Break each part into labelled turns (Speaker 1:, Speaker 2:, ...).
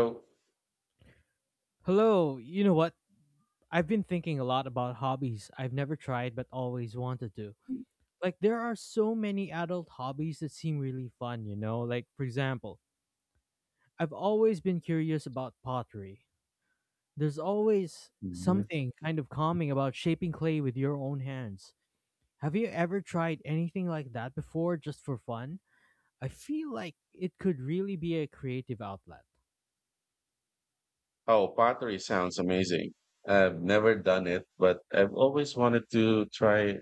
Speaker 1: So,
Speaker 2: Hello, you know what? I've been thinking a lot about hobbies I've never tried but always wanted to. Like, there are so many adult hobbies that seem really fun, you know? Like, for example, I've always been curious about pottery. There's always
Speaker 1: Mhm.
Speaker 2: something kind of calming about shaping clay with your own hands. Have you ever tried anything like that before just for fun? I feel like it could really be a creative outlet.
Speaker 1: Oh, Pottery sounds amazing. I've never done it, but I've always wanted to try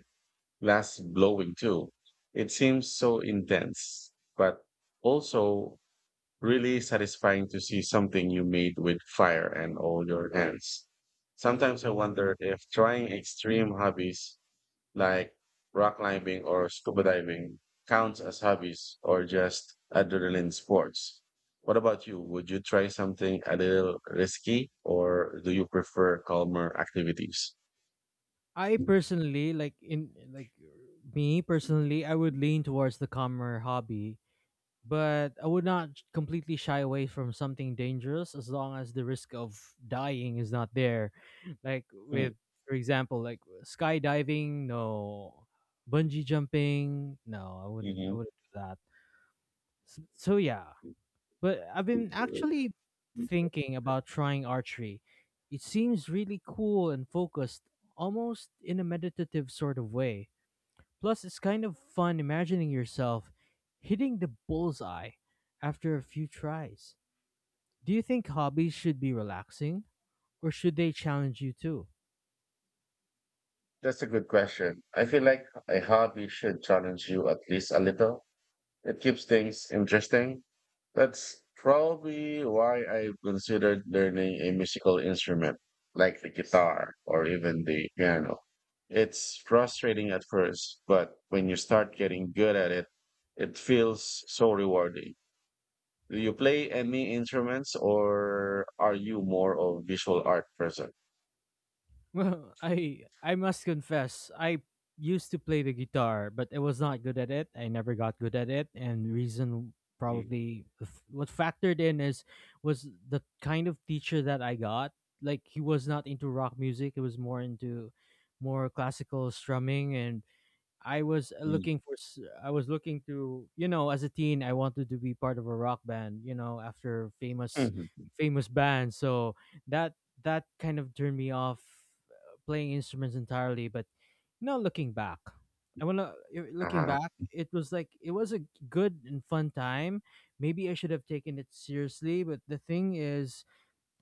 Speaker 1: glass blowing too. It seems so intense, but also really satisfying to see something you made with fire and all your hands. Sometimes I wonder if trying extreme hobbies like rock climbing or scuba diving counts as hobbies or just adrenaline sports. What about you? Would you try something a little risky or do you prefer calmer activities?
Speaker 2: I personally like in like Me personally, I would lean towards the calmer hobby, but I would not completely shy away from something dangerous as long as the risk of dying is not there. Like with, for example, like skydiving, no. Bungee jumping, no. I would not I
Speaker 1: Mm-hmm.
Speaker 2: wouldn't do that. So, yeah, but I've been actually thinking about trying archery. It seems really cool and focused, almost in a meditative sort of way. Plus, it's kind of fun imagining yourself hitting the bullseye after a few tries. Do you think hobbies should be relaxing, or should they challenge you too?
Speaker 1: That's a good question. I feel like a hobby should challenge you at least a little. It keeps things interesting. That's probably why I've considered learning a musical instrument like the guitar or even the piano. It's frustrating at first, but when you start getting good at it, it feels so rewarding. Do you play any instruments or are you more of visual art person?
Speaker 2: Well, I must confess, I used to play the guitar, but I was not good at it. I never got good at it, and reason
Speaker 1: Mhm.
Speaker 2: probably what factored in is was the kind of teacher that I got. Like, he was not into rock music; he was more into more classical strumming. And I was looking to, as a teen, I wanted to be part of a rock band, after famous
Speaker 1: Mhm.
Speaker 2: famous bands. So that that kind of turned me off playing instruments entirely. But looking back,
Speaker 1: Uh-huh.
Speaker 2: it was like, it was a good and fun time. Maybe I should have taken it seriously, but the thing is,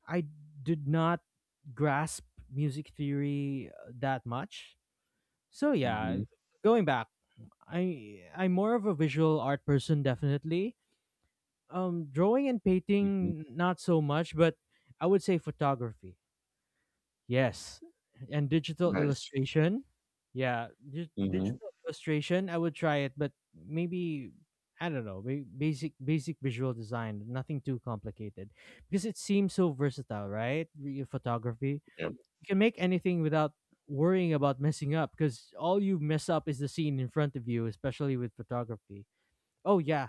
Speaker 2: I did not grasp music theory that much. So yeah,
Speaker 1: Mhm.
Speaker 2: going back, I'm more of a visual art person definitely. Drawing and
Speaker 1: Mhm.
Speaker 2: painting not so much, but I would say photography. Yes. And digital
Speaker 1: Nice.
Speaker 2: illustration. Yeah,
Speaker 1: Mhm.
Speaker 2: digital illustration I would try, it but maybe I don't know, basic visual design, nothing too complicated, because it seems so versatile, right? Photography.
Speaker 1: Yep.
Speaker 2: You can make anything without worrying about messing up, because all you mess up is the scene in front of you, especially with photography. Oh yeah,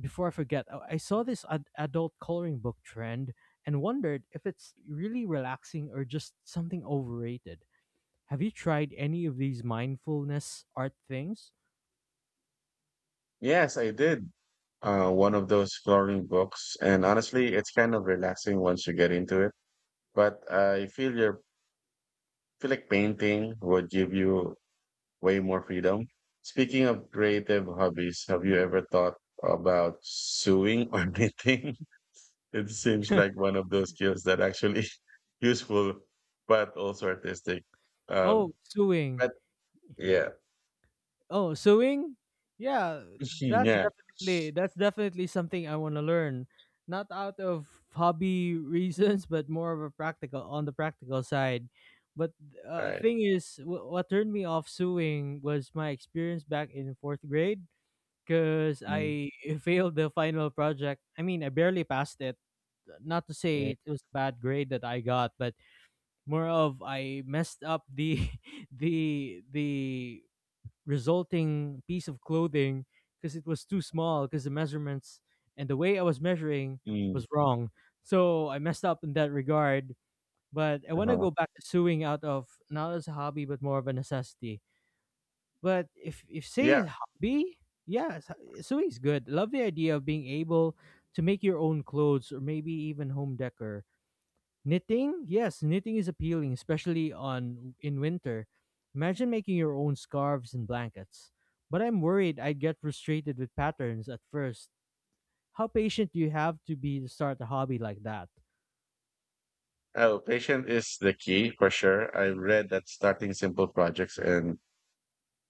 Speaker 2: before I forget, I saw this adult coloring book trend and wondered if it's really relaxing or just something overrated. Have you tried any of these mindfulness art things?
Speaker 1: Yes, I did. One of those flooring books, and honestly, it's kind of relaxing once you get into it. But I feel like painting would give you way more freedom. Speaking of creative hobbies, have you ever thought about sewing or knitting? It seems like one of those skills that actually useful, but also artistic.
Speaker 2: Oh,
Speaker 1: Um,
Speaker 2: sewing.
Speaker 1: but yeah,
Speaker 2: Oh, sewing? Yeah, that's
Speaker 1: yeah,
Speaker 2: definitely that's definitely something I want to learn. Not out of hobby reasons, but more of a practical, on the practical side. But
Speaker 1: right.
Speaker 2: thing is, what turned me off sewing was my experience back in fourth grade, because
Speaker 1: Mm,
Speaker 2: I failed the final project. I mean, I barely passed it. Not to
Speaker 1: mm,
Speaker 2: say it was a bad grade that I got, but more of, I messed up the the resulting piece of clothing because it was too small, because the measurements and the way I was measuring
Speaker 1: mm,
Speaker 2: was wrong. So I messed up in that regard. But I want to
Speaker 1: uh-huh.
Speaker 2: go back to sewing out of, not as a hobby, but more of a necessity. But if say
Speaker 1: Yeah.
Speaker 2: a hobby, yes, sewing is good. Love the idea of being able to make your own clothes or maybe even home decor. Knitting, yes, knitting is appealing, especially on in winter. Imagine making your own scarves and blankets. But I'm worried I'd get frustrated with patterns at first. How patient do you have to be to start a hobby like that?
Speaker 1: Oh, patient is the key for sure. I've read that starting simple projects and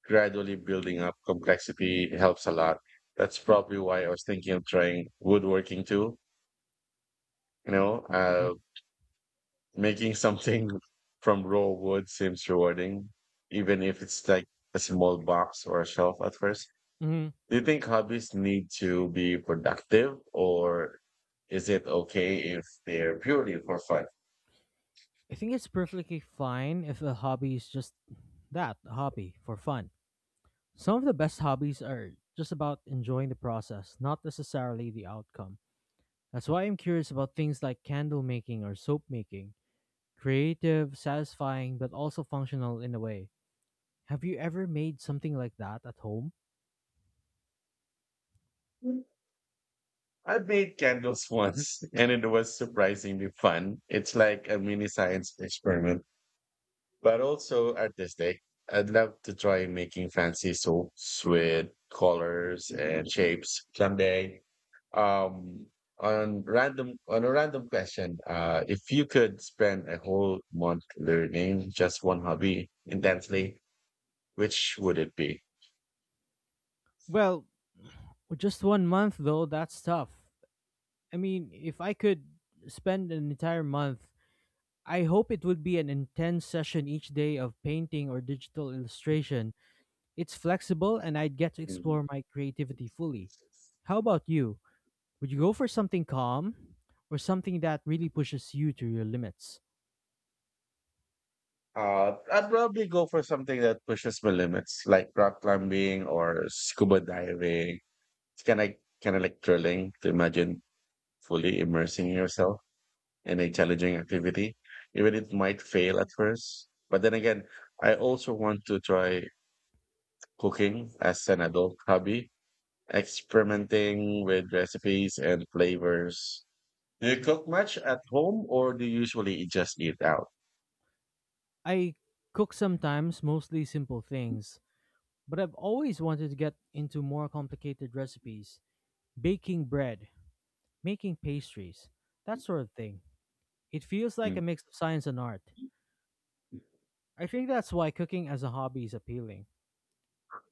Speaker 1: gradually building up complexity helps a lot. That's probably why I was thinking of trying woodworking too. You know,
Speaker 2: Mm.
Speaker 1: making something from raw wood seems rewarding, even if it's like a small box or a shelf at first.
Speaker 2: Mhm.
Speaker 1: Do you think hobbies need to be productive or is it okay if they're purely for fun?
Speaker 2: I think it's perfectly fine if a hobby is just that, a hobby for fun. Some of the best hobbies are just about enjoying the process, not necessarily the outcome. That's why I'm curious about things like candle making or soap making. Creative, satisfying, but also functional in a way. Have you ever made something like that at home?
Speaker 1: I have made candles once and it was surprisingly fun. It's like a mini science experiment, but also artistic. I'd love to try making fancy soaps with colors and shapes someday. Um, on a random question, if you could spend a whole month learning just one hobby intensely, which would it be?
Speaker 2: Well, just one month though, that's tough. I mean, if I could spend an entire month, I hope it would be an intense session each day of painting or digital illustration. It's flexible and I'd get to
Speaker 1: Mm.
Speaker 2: explore my creativity fully. How about you? Would you go for something calm or something that really pushes you to your limits?
Speaker 1: I'd probably go for something that pushes my limits, like rock climbing or scuba diving. It's kind of like thrilling to imagine fully immersing yourself in a challenging activity, even if it might fail at first. But then again, I also want to try cooking as an adult hobby, experimenting with recipes and flavors. Do you cook much at home, or do you usually just eat out?
Speaker 2: I cook sometimes, mostly simple things, but I've always wanted to get into more complicated recipes: baking bread, making pastries, that sort of thing. It feels like a
Speaker 1: Hmm.
Speaker 2: mix of science and art. I think that's why cooking as a hobby is appealing.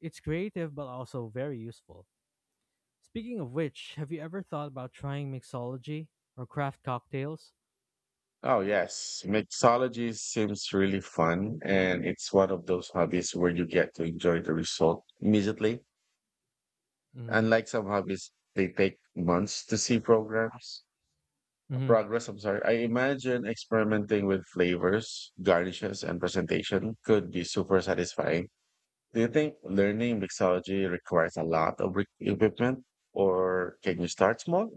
Speaker 2: It's creative but also very useful. Speaking of which, have you ever thought about trying mixology or craft cocktails?
Speaker 1: Oh, yes. Mixology seems really fun, and it's one of those hobbies where you get to enjoy the result immediately.
Speaker 2: Hmm.
Speaker 1: Unlike some hobbies, they take months to see programs.
Speaker 2: Mm-hmm.
Speaker 1: Progress, I'm sorry. I imagine experimenting with flavors, garnishes, and presentation could be super satisfying. Do you think learning mixology requires a lot of equipment, or can you start small?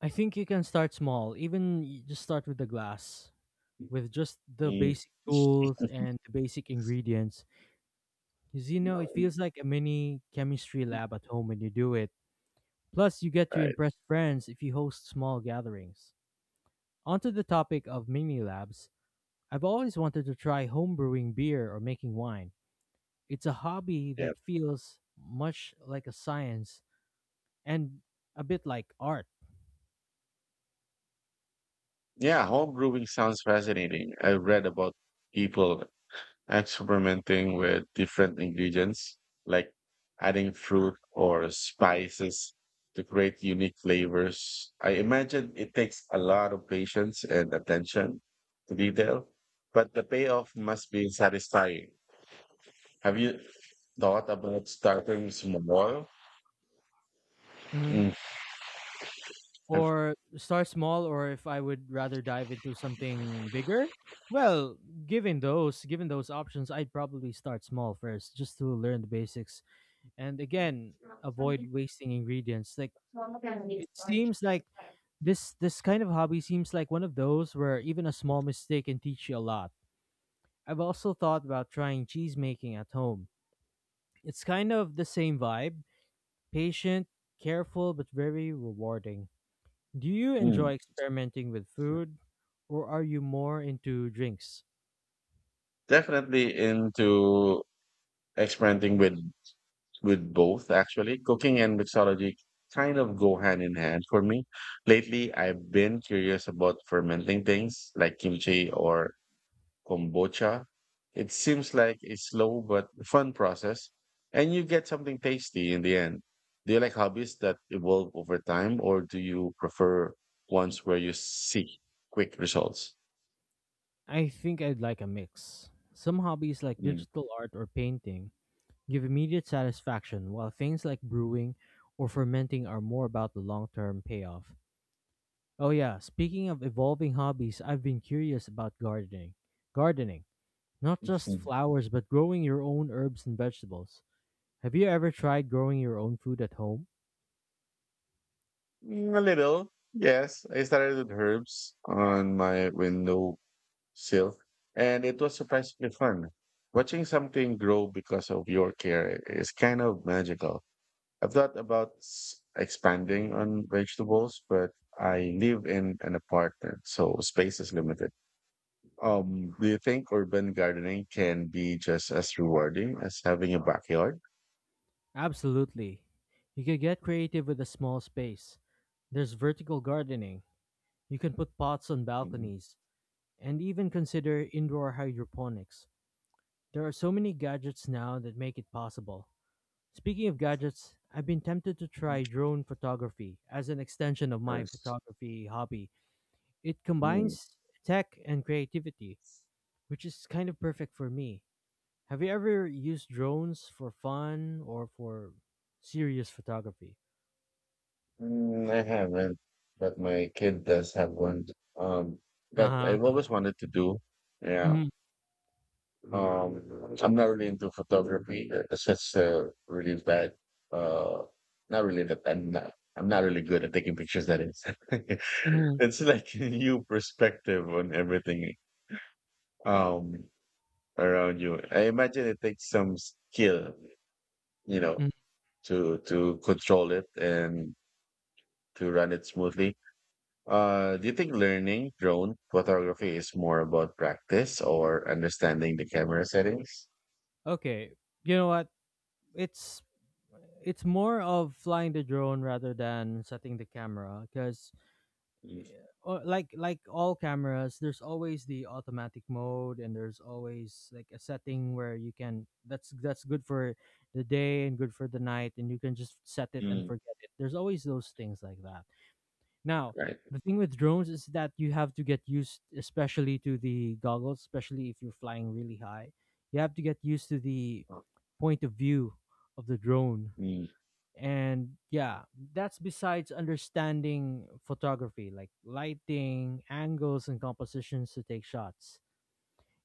Speaker 2: I think you can start small, even just start with the glass, with just the
Speaker 1: Mm.
Speaker 2: basic tools and the basic ingredients. Because, it feels like a mini chemistry lab at home when you do it. Plus, you get to
Speaker 1: Right.
Speaker 2: impress friends if you host small gatherings. Onto the topic of mini labs, I've always wanted to try homebrewing beer or making wine. It's a hobby
Speaker 1: Yeah.
Speaker 2: that feels much like a science and a bit like art.
Speaker 1: Yeah, home brewing sounds fascinating. I've read about people experimenting with different ingredients, like adding fruit or spices to create unique flavors. I imagine it takes a lot of patience and attention to detail, but the payoff must be satisfying. Have you thought about starting small?
Speaker 2: hmm
Speaker 1: Mm. I've-
Speaker 2: or start small, or if I would rather dive into something bigger? Well, given those options, I'd probably start small first, just to learn the basics, and again avoid wasting ingredients. Like, it seems like this kind of hobby seems like one of those where even a small mistake can teach you a lot. I've also thought about trying cheese making at home. It's kind of the same vibe: patient, careful, but very rewarding. Do you
Speaker 1: mm,
Speaker 2: enjoy experimenting with food, or are you more into drinks?
Speaker 1: Definitely into experimenting with both actually. Cooking and mixology kind of go hand in hand for me. Lately, I've been curious about fermenting things like kimchi or kombucha. It seems like a slow but fun process, and you get something tasty in the end. Do you like hobbies that evolve over time, or do you prefer ones where you see quick results?
Speaker 2: I think I'd like a mix. Some hobbies like
Speaker 1: Mm.
Speaker 2: digital art or painting give immediate satisfaction, while things like brewing or fermenting are more about the long term payoff. Oh yeah, speaking of evolving hobbies, I've been curious about gardening. Gardening, not just
Speaker 1: Mhm.
Speaker 2: flowers, but growing your own herbs and vegetables. Have you ever tried growing your own food at home?
Speaker 1: Mm, a little, yes. I started with herbs on my window silk, and it was surprisingly fun. Watching something grow because of your care is kind of magical. I've thought about expanding on vegetables, but I live in an apartment, so space is limited. Do you think urban gardening can be just as rewarding as having a backyard?
Speaker 2: Absolutely. You can get creative with a small space. There's vertical gardening. You can put pots on
Speaker 1: Mm,
Speaker 2: balconies and even consider indoor hydroponics. There are so many gadgets now that make it possible. Speaking of gadgets, I've been tempted to try drone photography as an extension of my
Speaker 1: nice.
Speaker 2: photography hobby. It
Speaker 1: Mm,
Speaker 2: combines tech and creativity, which is kind of perfect for me. Have you ever used drones for fun or for serious photography?
Speaker 1: mm, I haven't, but my kid does have one. Um, but
Speaker 2: Uh
Speaker 1: I've
Speaker 2: huh.
Speaker 1: always wanted to do. Yeah.
Speaker 2: Mhm,
Speaker 1: I'm not really into photography. It's just really bad. Uh, Not really that I'm not. I'm not really good at taking pictures. That is,
Speaker 2: mhm,
Speaker 1: it's like a new perspective on everything um around you. I imagine it takes some skill, you know,
Speaker 2: mm.
Speaker 1: to control it and to run it smoothly. Do you think learning drone photography is more about practice or understanding the camera settings?
Speaker 2: Okay, you know what? It's it's more of flying the drone rather than setting the camera, because
Speaker 1: Mm.
Speaker 2: like all cameras, there's always the automatic mode, and there's always like a setting where you can, that's good for the day and good for the night, and you can just set it and
Speaker 1: Mm.
Speaker 2: forget it. There's always those things like that. Now,
Speaker 1: Right.
Speaker 2: the thing with drones is that you have to get used, especially to the goggles, especially if you're flying really high. You have to get used to the point of view of the drone.
Speaker 1: Mm.
Speaker 2: And yeah, that's besides understanding photography, like lighting, angles, and compositions to take shots.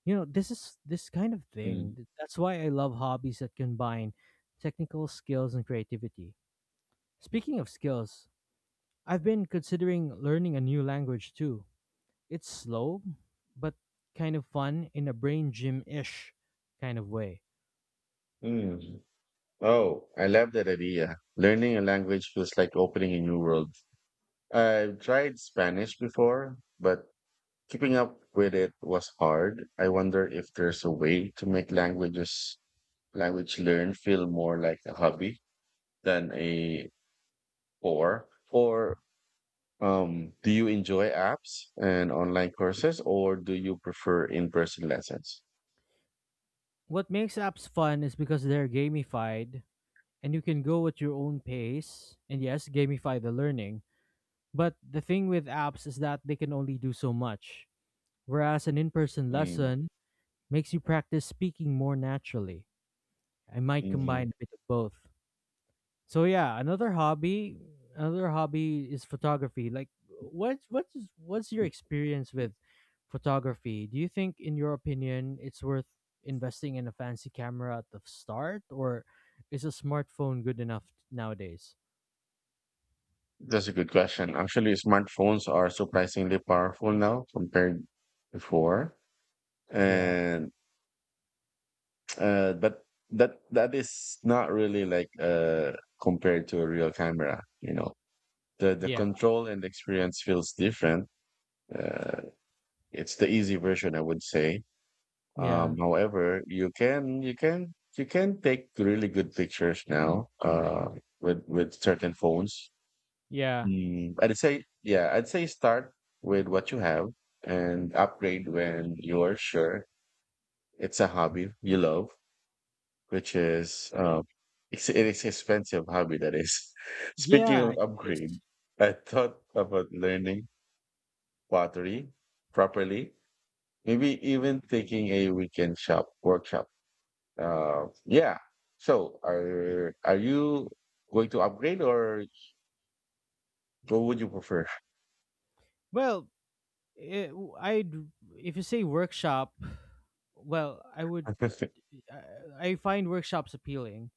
Speaker 2: You know, this kind of thing.
Speaker 1: Mm.
Speaker 2: That's why I love hobbies that combine technical skills and creativity. Speaking of skills, I've been considering learning a new language too. It's slow, but kind of fun in a brain gym ish kind of way.
Speaker 1: Mm. Oh, I love that idea. Learning a language feels like opening a new world. I've tried Spanish before, but keeping up with it was hard. I wonder if there's a way to make language learn feel more like a hobby. Than a or or um do you enjoy apps and online courses or do you prefer in-person lessons?
Speaker 2: What makes apps fun is because they're gamified and you can go at your own pace and yes, gamify the learning. But the thing with apps is that they can only do so much, whereas an in person
Speaker 1: Mm.
Speaker 2: lesson makes you practice speaking more naturally. I might
Speaker 1: Mhm.
Speaker 2: combine a bit of both. So yeah, another hobby, is photography. Like, what's your experience with photography? Do you think, in your opinion, it's worth investing in a fancy camera at the start, or is a smartphone good enough nowadays?
Speaker 1: That's a good question. Actually, smartphones are surprisingly powerful now compared before,
Speaker 2: Yeah,
Speaker 1: and but that is not really like compared to a real camera. You know, the
Speaker 2: yeah,
Speaker 1: control and experience feels different. Uh, it's the easy version, I would say.
Speaker 2: yeah,
Speaker 1: However, you can take really good pictures now with certain phones.
Speaker 2: yeah,
Speaker 1: Mm. I'd say start with what you have and upgrade when you're sure it's a hobby you love, which is, it is expensive hobby that is. Speaking
Speaker 2: yeah.
Speaker 1: of
Speaker 2: It is.
Speaker 1: upgrade, I thought about learning pottery properly, maybe even taking a weekend shop workshop. Yeah. So are you going to upgrade or what would you prefer?
Speaker 2: Well, it, I'd if you say workshop, well, I find workshops appealing,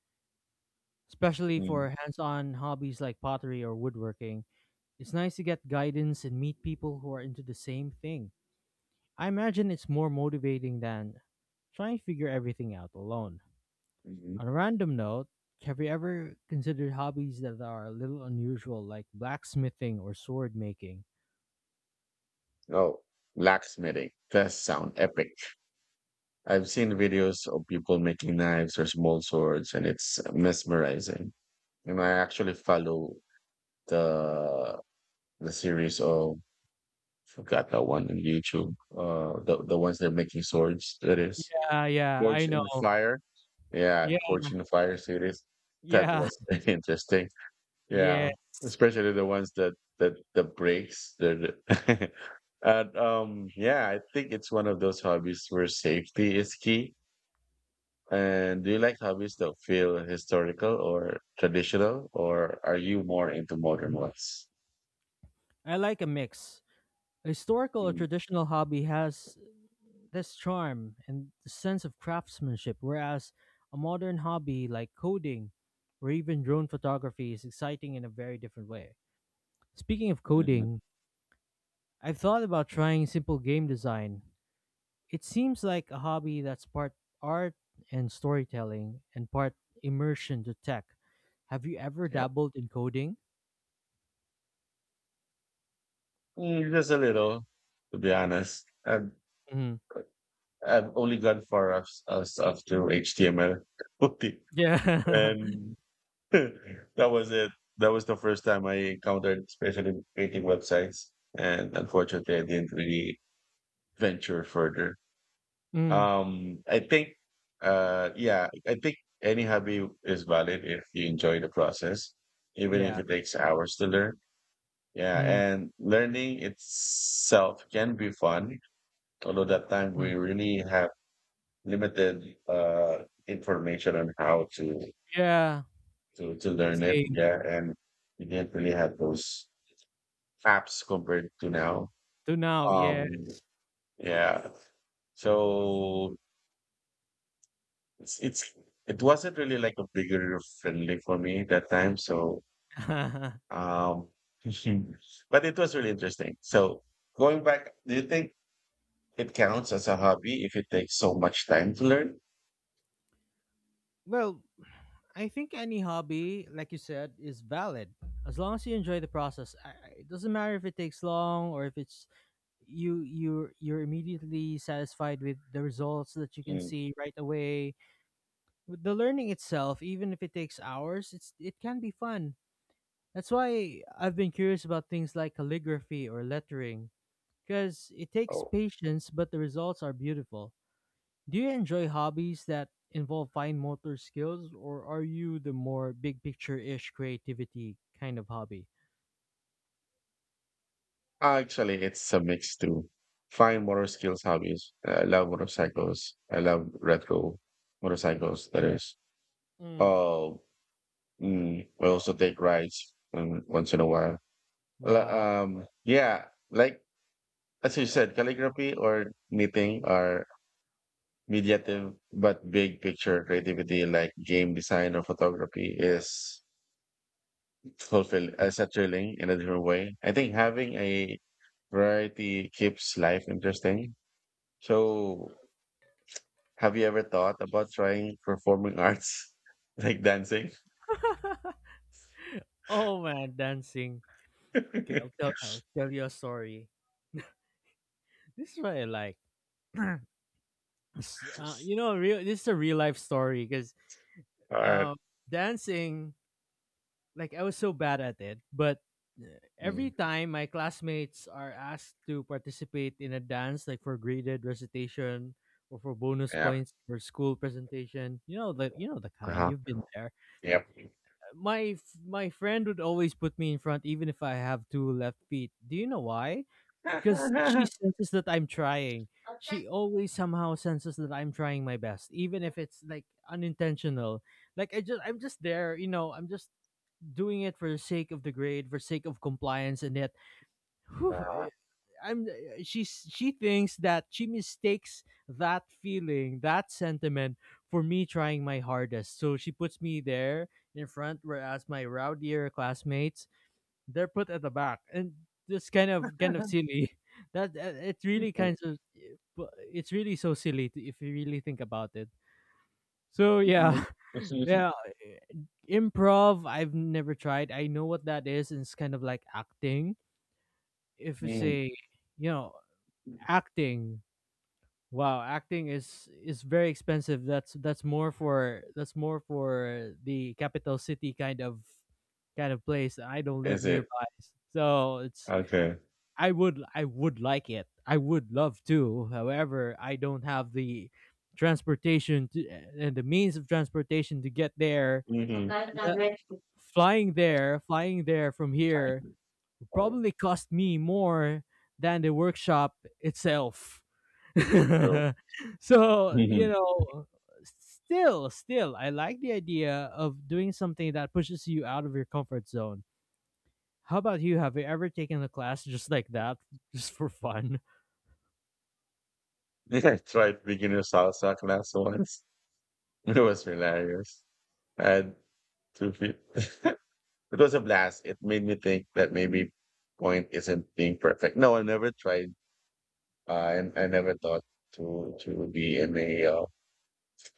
Speaker 2: especially
Speaker 1: Mm.
Speaker 2: for hands-on hobbies like pottery or woodworking. It's nice to get guidance and meet people who are into the same thing. I imagine it's more motivating than trying to figure everything out alone.
Speaker 1: Mhm.
Speaker 2: On a random note, have you ever considered hobbies that are a little unusual like blacksmithing or sword making?
Speaker 1: Oh, blacksmithing. That sound epic. I've seen videos of people making knives or small swords, and it's mesmerizing. And I actually follow the series of forgot that one on YouTube. The ones they're making swords. That is
Speaker 2: Yeah, yeah, I
Speaker 1: Forge
Speaker 2: know.
Speaker 1: in the Fire. Yeah,
Speaker 2: Yeah,
Speaker 1: Forge in the Fire series. That
Speaker 2: yeah,
Speaker 1: was interesting.
Speaker 2: yeah.
Speaker 1: Yeah, especially the ones that breaks the and yeah, I think it's one of those hobbies where safety is key. And do you like hobbies that feel historical or traditional, or are you more into modern ones?
Speaker 2: I like a mix. A historical or
Speaker 1: Mm.
Speaker 2: traditional hobby has this charm and the sense of craftsmanship, whereas a modern hobby like coding or even drone photography is exciting in a very different way. Speaking of
Speaker 1: Mhm.
Speaker 2: coding, I've thought about trying simple game design. It seems like a hobby that's part art and storytelling and part immersion to tech. Have you ever
Speaker 1: Yep.
Speaker 2: dabbled in coding?
Speaker 1: Mm, just a little, to be honest.
Speaker 2: Mm.
Speaker 1: I've only gone far as up to HTML,
Speaker 2: Yeah.
Speaker 1: and that was it. That was the first time I encountered especially with creating websites. And unfortunately, I didn't really venture further.
Speaker 2: Mm.
Speaker 1: I think any hobby is valid if you enjoy the process, even
Speaker 2: Yeah.
Speaker 1: if it takes hours to learn. Yeah,
Speaker 2: Mm.
Speaker 1: and learning itself can be fun, although that time
Speaker 2: Mm.
Speaker 1: we really have limited information on how to
Speaker 2: Yeah.
Speaker 1: learn it.
Speaker 2: Same.
Speaker 1: Yeah, and we didn't really have those apps compared to now.
Speaker 2: To now, yeah.
Speaker 1: Um, yeah. So it's, it's it wasn't really like a bigger friendly for me that time. So um, but it was really interesting. So going back, do you think it counts as a hobby if it takes so much time to learn?
Speaker 2: Well, I think any hobby, like you said, is valid as long as you enjoy the process. It doesn't matter if it takes long or if it's you you you're immediately satisfied with the results that you can
Speaker 1: Mm.
Speaker 2: see right away. With the learning itself, even if it takes hours, it can be fun. That's why I've been curious about things like calligraphy or lettering because it takes
Speaker 1: Oh,
Speaker 2: patience, but the results are beautiful. Do you enjoy hobbies that involve fine motor skills, or are you the more big picture ish creativity kind of hobby?
Speaker 1: actually, it's a mix too. Find motor skills hobbies. I love motorcycles. I love retro motorcycles. That is.
Speaker 2: Mm,
Speaker 1: Oh, I also take rides once in a while.
Speaker 2: wow.
Speaker 1: Yeah, like as you said, calligraphy or knitting are mediative, but big picture creativity like game design or photography is fulfilling in a different way. I think having a variety keeps life interesting. So, have you ever thought about trying performing arts like dancing?
Speaker 2: Oh man, dancing. Okay, I'll tell you a story. This is what I like. You know, real. This is a real life story because
Speaker 1: Art.
Speaker 2: um, dancing, like I was so bad at it, but uh, every
Speaker 1: mm,
Speaker 2: time my classmates are asked to participate in a dance, like for graded recitation or for bonus
Speaker 1: yep.
Speaker 2: points for school presentation, you know the kind,
Speaker 1: Uh-huh.
Speaker 2: you've been there.
Speaker 1: Yep.
Speaker 2: My friend would always put me in front, even if I have two left feet. Do you know why? Because she senses that I'm trying. She always somehow senses that I'm trying my best, even if it's like unintentional. I'm just there, you know. I'm just doing it for the sake of the grade, for sake of compliance, and yet, whew,
Speaker 1: Uh,
Speaker 2: eh, I'm eh, she's she thinks that she mistakes that feeling, that sentiment, for me trying my hardest. So she puts me there in front, whereas my rowdier classmates, they're put at the back, and this kind of silly. That eh, it's really kind
Speaker 1: Mhm.
Speaker 2: of eh, It's really so silly if you really think about it. So yeah,
Speaker 1: Mhm.
Speaker 2: yeah, i- improv I've never tried. I know what that is, and it's kind of like acting. If you
Speaker 1: Mm,
Speaker 2: say, you know, acting, wow, acting is very expensive. That's more for the capital city kind of place. I don't live
Speaker 1: is it
Speaker 2: nearby, so it's
Speaker 1: okay?
Speaker 2: I would like it. I would love to. However, I don't have the transportation to, and the means of transportation to get there.
Speaker 1: Mm-hmm.
Speaker 2: Uh, Flying there, from here probably cost me more than the workshop itself.
Speaker 1: True.
Speaker 2: So, you
Speaker 1: Mhm.
Speaker 2: know, still, I like the idea of doing something that pushes you out of your comfort zone. How about you? Have you ever taken a class just like that, just for fun?
Speaker 1: I tried beginner salsa class once. It was hilarious. And okay. It was a blast. It made me think that maybe point isn't being perfect. No, I never tried. And I never thought to be in a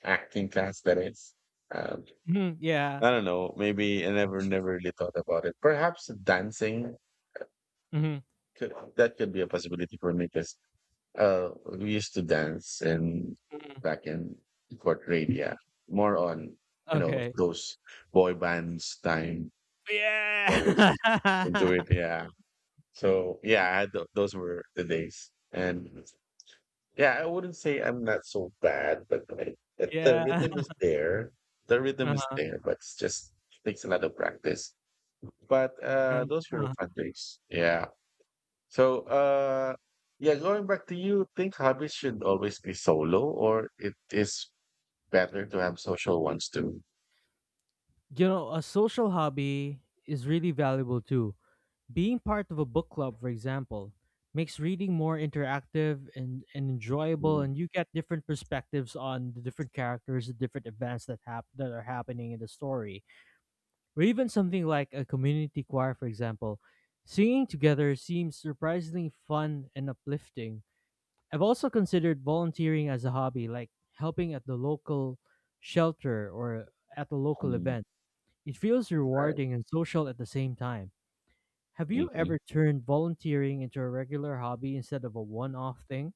Speaker 1: acting class. That is, um,
Speaker 2: Mhm, yeah.
Speaker 1: I don't know. Maybe I never really thought about it. Perhaps dancing
Speaker 2: Hmm.
Speaker 1: could be a possibility for me because uh, we used to dance in back in fourth grade. Yeah, more on you know
Speaker 2: Okay.
Speaker 1: those boy bands time. That was into
Speaker 2: Yeah.
Speaker 1: it. Yeah. So yeah, I had those were the days, and yeah, I wouldn't say I'm not so bad, but like, the
Speaker 2: Yeah.
Speaker 1: rhythm is there. The rhythm is there, but it's just takes a lot of practice. But those were the
Speaker 2: Uh-huh.
Speaker 1: fun days. Yeah. So yeah, going back to you, think hobbies should always be solo, or it is better to have social ones too.
Speaker 2: You know, a social hobby is really valuable too. Being part of a book club, for example, makes reading more interactive and enjoyable,
Speaker 1: Mm.
Speaker 2: and you get different perspectives on the different characters, the different events that that are happening in the story. Or even something like a community choir, for example. Singing together seems surprisingly fun and uplifting. I've also considered volunteering as a hobby, like helping at the local shelter or at a local
Speaker 1: Mm.
Speaker 2: event. It feels
Speaker 1: Right.
Speaker 2: rewarding and social at the same time. Have you
Speaker 1: Mhm.
Speaker 2: ever turned volunteering into a regular hobby instead of a one off thing?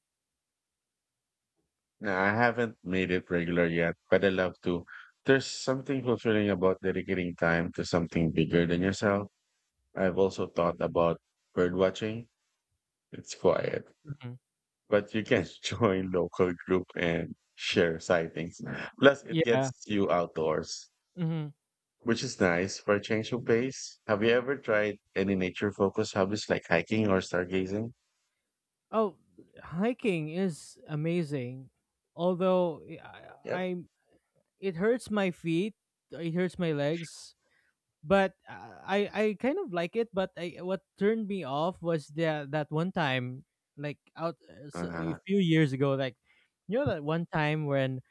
Speaker 1: No, I haven't made it regular yet, but I love to. There's something fulfilling about dedicating time to something bigger than yourself. I've also thought about bird watching. It's quiet,
Speaker 2: Mhm.
Speaker 1: but you can join local group and share sightings. Plus, it
Speaker 2: Yeah.
Speaker 1: gets you outdoors,
Speaker 2: Hmm.
Speaker 1: which is nice for a change of pace. Have you ever tried any nature-focused hobbies like hiking or stargazing?
Speaker 2: Oh, hiking is amazing. Although I,
Speaker 1: Yep.
Speaker 2: I it hurts my feet, it hurts my legs, but I kind of like it. But what turned me off was that one time, like a
Speaker 1: Uh-huh.
Speaker 2: few years ago, like you know that one time when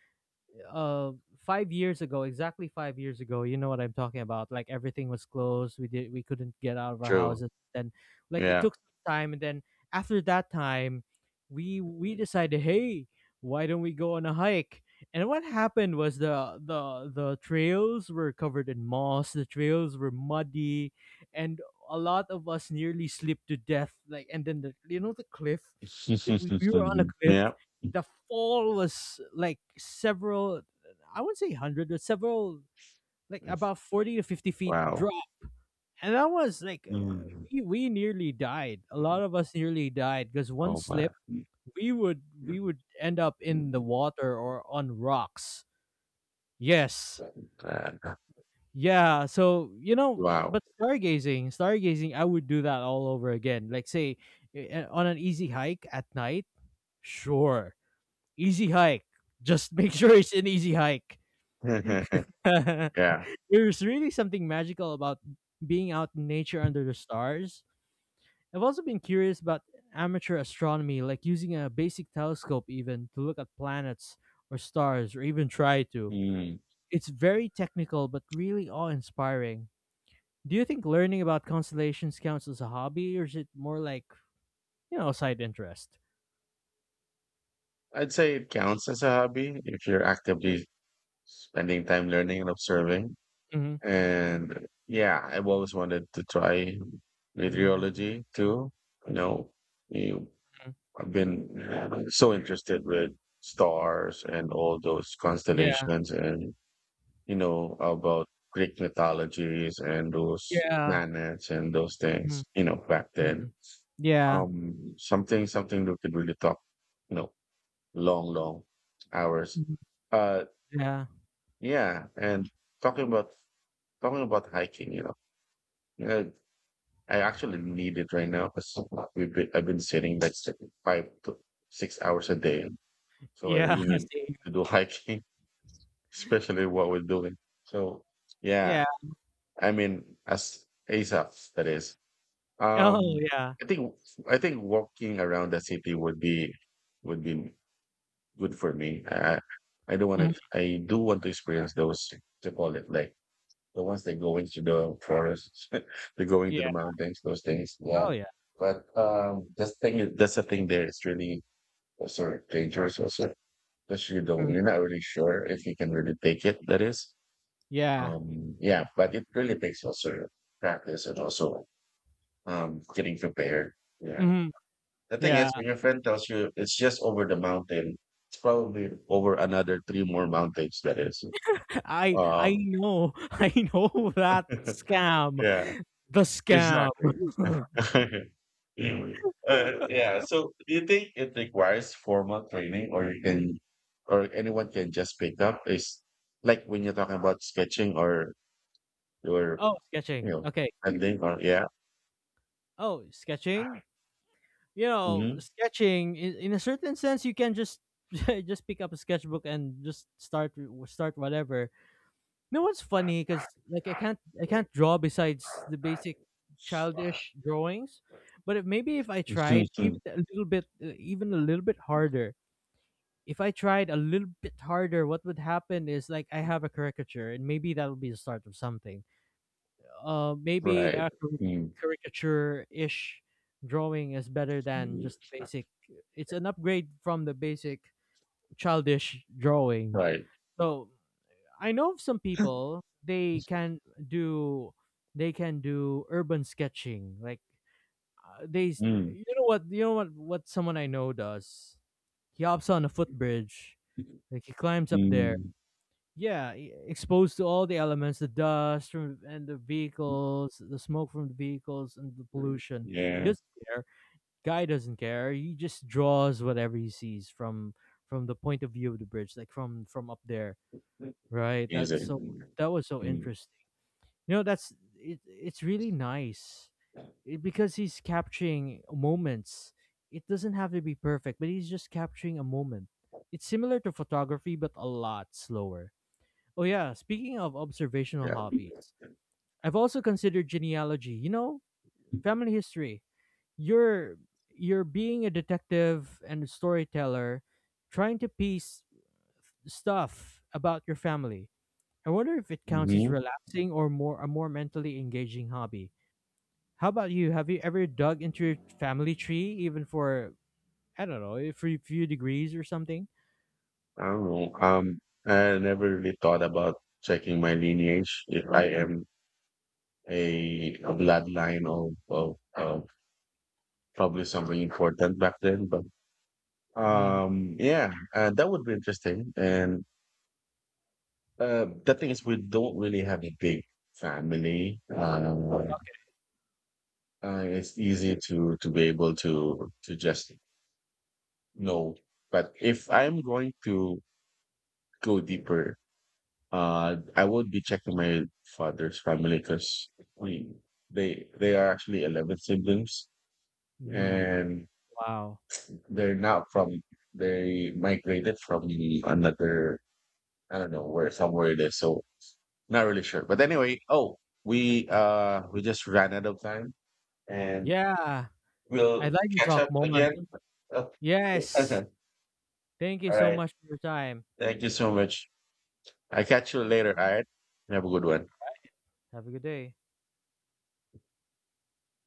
Speaker 2: uh 5 years ago, exactly 5 years ago, you know what I'm talking about, like everything was closed, we couldn't get out of our
Speaker 1: True.
Speaker 2: houses then. Like, it
Speaker 1: Yeah.
Speaker 2: took some time, and then after that time we decided, hey, why don't we go on a hike? And what happened was the trails were covered in moss, the trails were muddy, and a lot of us nearly slipped to death, like. And then the you know the cliff, we were on a cliff,
Speaker 1: Yeah.
Speaker 2: the fall was like several. I wouldn't say 100, but several, like about 40 to 50 feet
Speaker 1: Wow.
Speaker 2: drop. And that was like
Speaker 1: Mm.
Speaker 2: we nearly died, a lot of us nearly died, because one
Speaker 1: Oh
Speaker 2: slip
Speaker 1: man.
Speaker 2: we
Speaker 1: Man.
Speaker 2: would end up in the water or on rocks. Yes. Yeah. So, you know,
Speaker 1: Wow.
Speaker 2: but stargazing, I would do that all over again, like say on an easy hike at night, sure, easy hike, just make sure it's an easy hike.
Speaker 1: Yeah.
Speaker 2: There's really something magical about being out in nature under the stars. I've also been curious about amateur astronomy, like using a basic telescope even to look at planets or stars, or even try to.
Speaker 1: Mm.
Speaker 2: It's very technical, but really awe inspiring. Do you think learning about constellations counts as a hobby, or is it more like, you know, a side interest?
Speaker 1: I'd say it counts as a hobby if you're actively spending time learning and observing.
Speaker 2: Hmm.
Speaker 1: And yeah, I've always wanted to try meteorology too. You know, you, I've been so interested with stars and all those
Speaker 2: Yeah.
Speaker 1: constellations and you know, about Greek mythologies and those
Speaker 2: Yeah.
Speaker 1: planets and those
Speaker 2: Mhm,
Speaker 1: things, you know, back then.
Speaker 2: mhm. Yeah.
Speaker 1: Something we could really talk, you know, long, long hours.
Speaker 2: Mhm.
Speaker 1: Uh,
Speaker 2: Yeah.
Speaker 1: yeah. And talking about, talking about hiking, you know, I actually need it right now because I've been sitting like 5 to 6 hours a day. So I
Speaker 2: Yeah.
Speaker 1: really need
Speaker 2: Same.
Speaker 1: to do hiking, especially what we're doing. So
Speaker 2: Yeah.
Speaker 1: yeah, I mean, as ASAP, that is.
Speaker 2: Oh,
Speaker 1: Um,
Speaker 2: yeah.
Speaker 1: I think I think walking around the city would be would be good for me. I don't want to.
Speaker 2: Mhm.
Speaker 1: I do want to experience those to call it like the ones that go into the forests, they go into the mountains, those things. Yeah,
Speaker 2: Oh, yeah.
Speaker 1: but that's thing, that's the thing. There, it's really also dangerous. Also, because you don't,
Speaker 2: Mhm.
Speaker 1: you're not really sure if you can really take it. That is.
Speaker 2: Yeah.
Speaker 1: Yeah, but it really takes also practice and also getting prepared. Yeah.
Speaker 2: Mhm.
Speaker 1: The thing
Speaker 2: Yeah.
Speaker 1: is, when your friend tells you it's just over the mountain, it's probably over another three more mountains. That is.
Speaker 2: I
Speaker 1: Um,
Speaker 2: know. I know that scam.
Speaker 1: yeah.
Speaker 2: The scam.
Speaker 1: Exactly. Anyway, yeah. So, do you think it requires formal training, or anyone can just pick up? Is like when you're talking about sketching or your,
Speaker 2: Oh,
Speaker 1: you
Speaker 2: sketching.
Speaker 1: know,
Speaker 2: Okay.
Speaker 1: ending or yeah.
Speaker 2: Oh, sketching? You know, sketching in a certain sense you can just just pick up a sketchbook and just start whatever. You know what's funny, cuz like I can't draw besides the basic
Speaker 1: Hmm.
Speaker 2: childish drawings, but if, maybe if I tried even a little bit even a little bit harder, if I tried a little bit harder, what would happen is like I have a caricature, and maybe that'll be the start of something. Maybe
Speaker 1: Right.
Speaker 2: a
Speaker 1: Mm.
Speaker 2: caricature ish drawing is better than just the basic. It's an upgrade from the basic childish drawing.
Speaker 1: Right.
Speaker 2: So I know of some people, do they can do urban sketching, like
Speaker 1: Mm.
Speaker 2: you know what someone I know does. He hops on a footbridge, like he climbs up there.
Speaker 1: Mm.
Speaker 2: Yeah, exposed to all the elements, the dust from, and the vehicles, the smoke from the vehicles, and the pollution. He
Speaker 1: Yeah.
Speaker 2: doesn't care. Guy doesn't care. He just draws whatever he sees from the point of view of the bridge, like from up there, right? That's
Speaker 1: Music.
Speaker 2: so, that was so
Speaker 1: Mm.
Speaker 2: interesting. You know, that's it. It's really nice it, because he's capturing moments. It doesn't have to be perfect, but he's just capturing a moment. It's similar to photography, but a lot slower. Oh yeah, speaking of observational
Speaker 1: Yeah.
Speaker 2: hobbies, I've also considered genealogy, you know, family history. You're you're being a detective and a storyteller trying to piece stuff about your family. I wonder if it counts as
Speaker 1: Hmm.
Speaker 2: relaxing or more a more mentally engaging hobby. How about you? Have you ever dug into your family tree, even for, I don't know, for a few degrees or something?
Speaker 1: I don't know. I never really thought about checking my lineage if I am a bloodline of probably something important back then. But
Speaker 2: Mm,
Speaker 1: yeah, that would be interesting. And the thing is, we don't really have a big family. It's easy to be able to just know. But if I'm going to go deeper, I would be checking my father's family because we they are actually 11 siblings,
Speaker 2: mm,
Speaker 1: and
Speaker 2: wow.
Speaker 1: they're not from they migrated from another I don't know where somewhere it is. So not really sure. But anyway, oh we just ran out of time, and
Speaker 2: Yeah,
Speaker 1: we'll
Speaker 2: I'd like to
Speaker 1: catch
Speaker 2: talk
Speaker 1: up
Speaker 2: more.
Speaker 1: again. Uh,
Speaker 2: Yes. Thank you
Speaker 1: all
Speaker 2: so
Speaker 1: right.
Speaker 2: much for your time.
Speaker 1: Thank you so much. I catch you later. All right. Have a good one.
Speaker 2: Have a good day.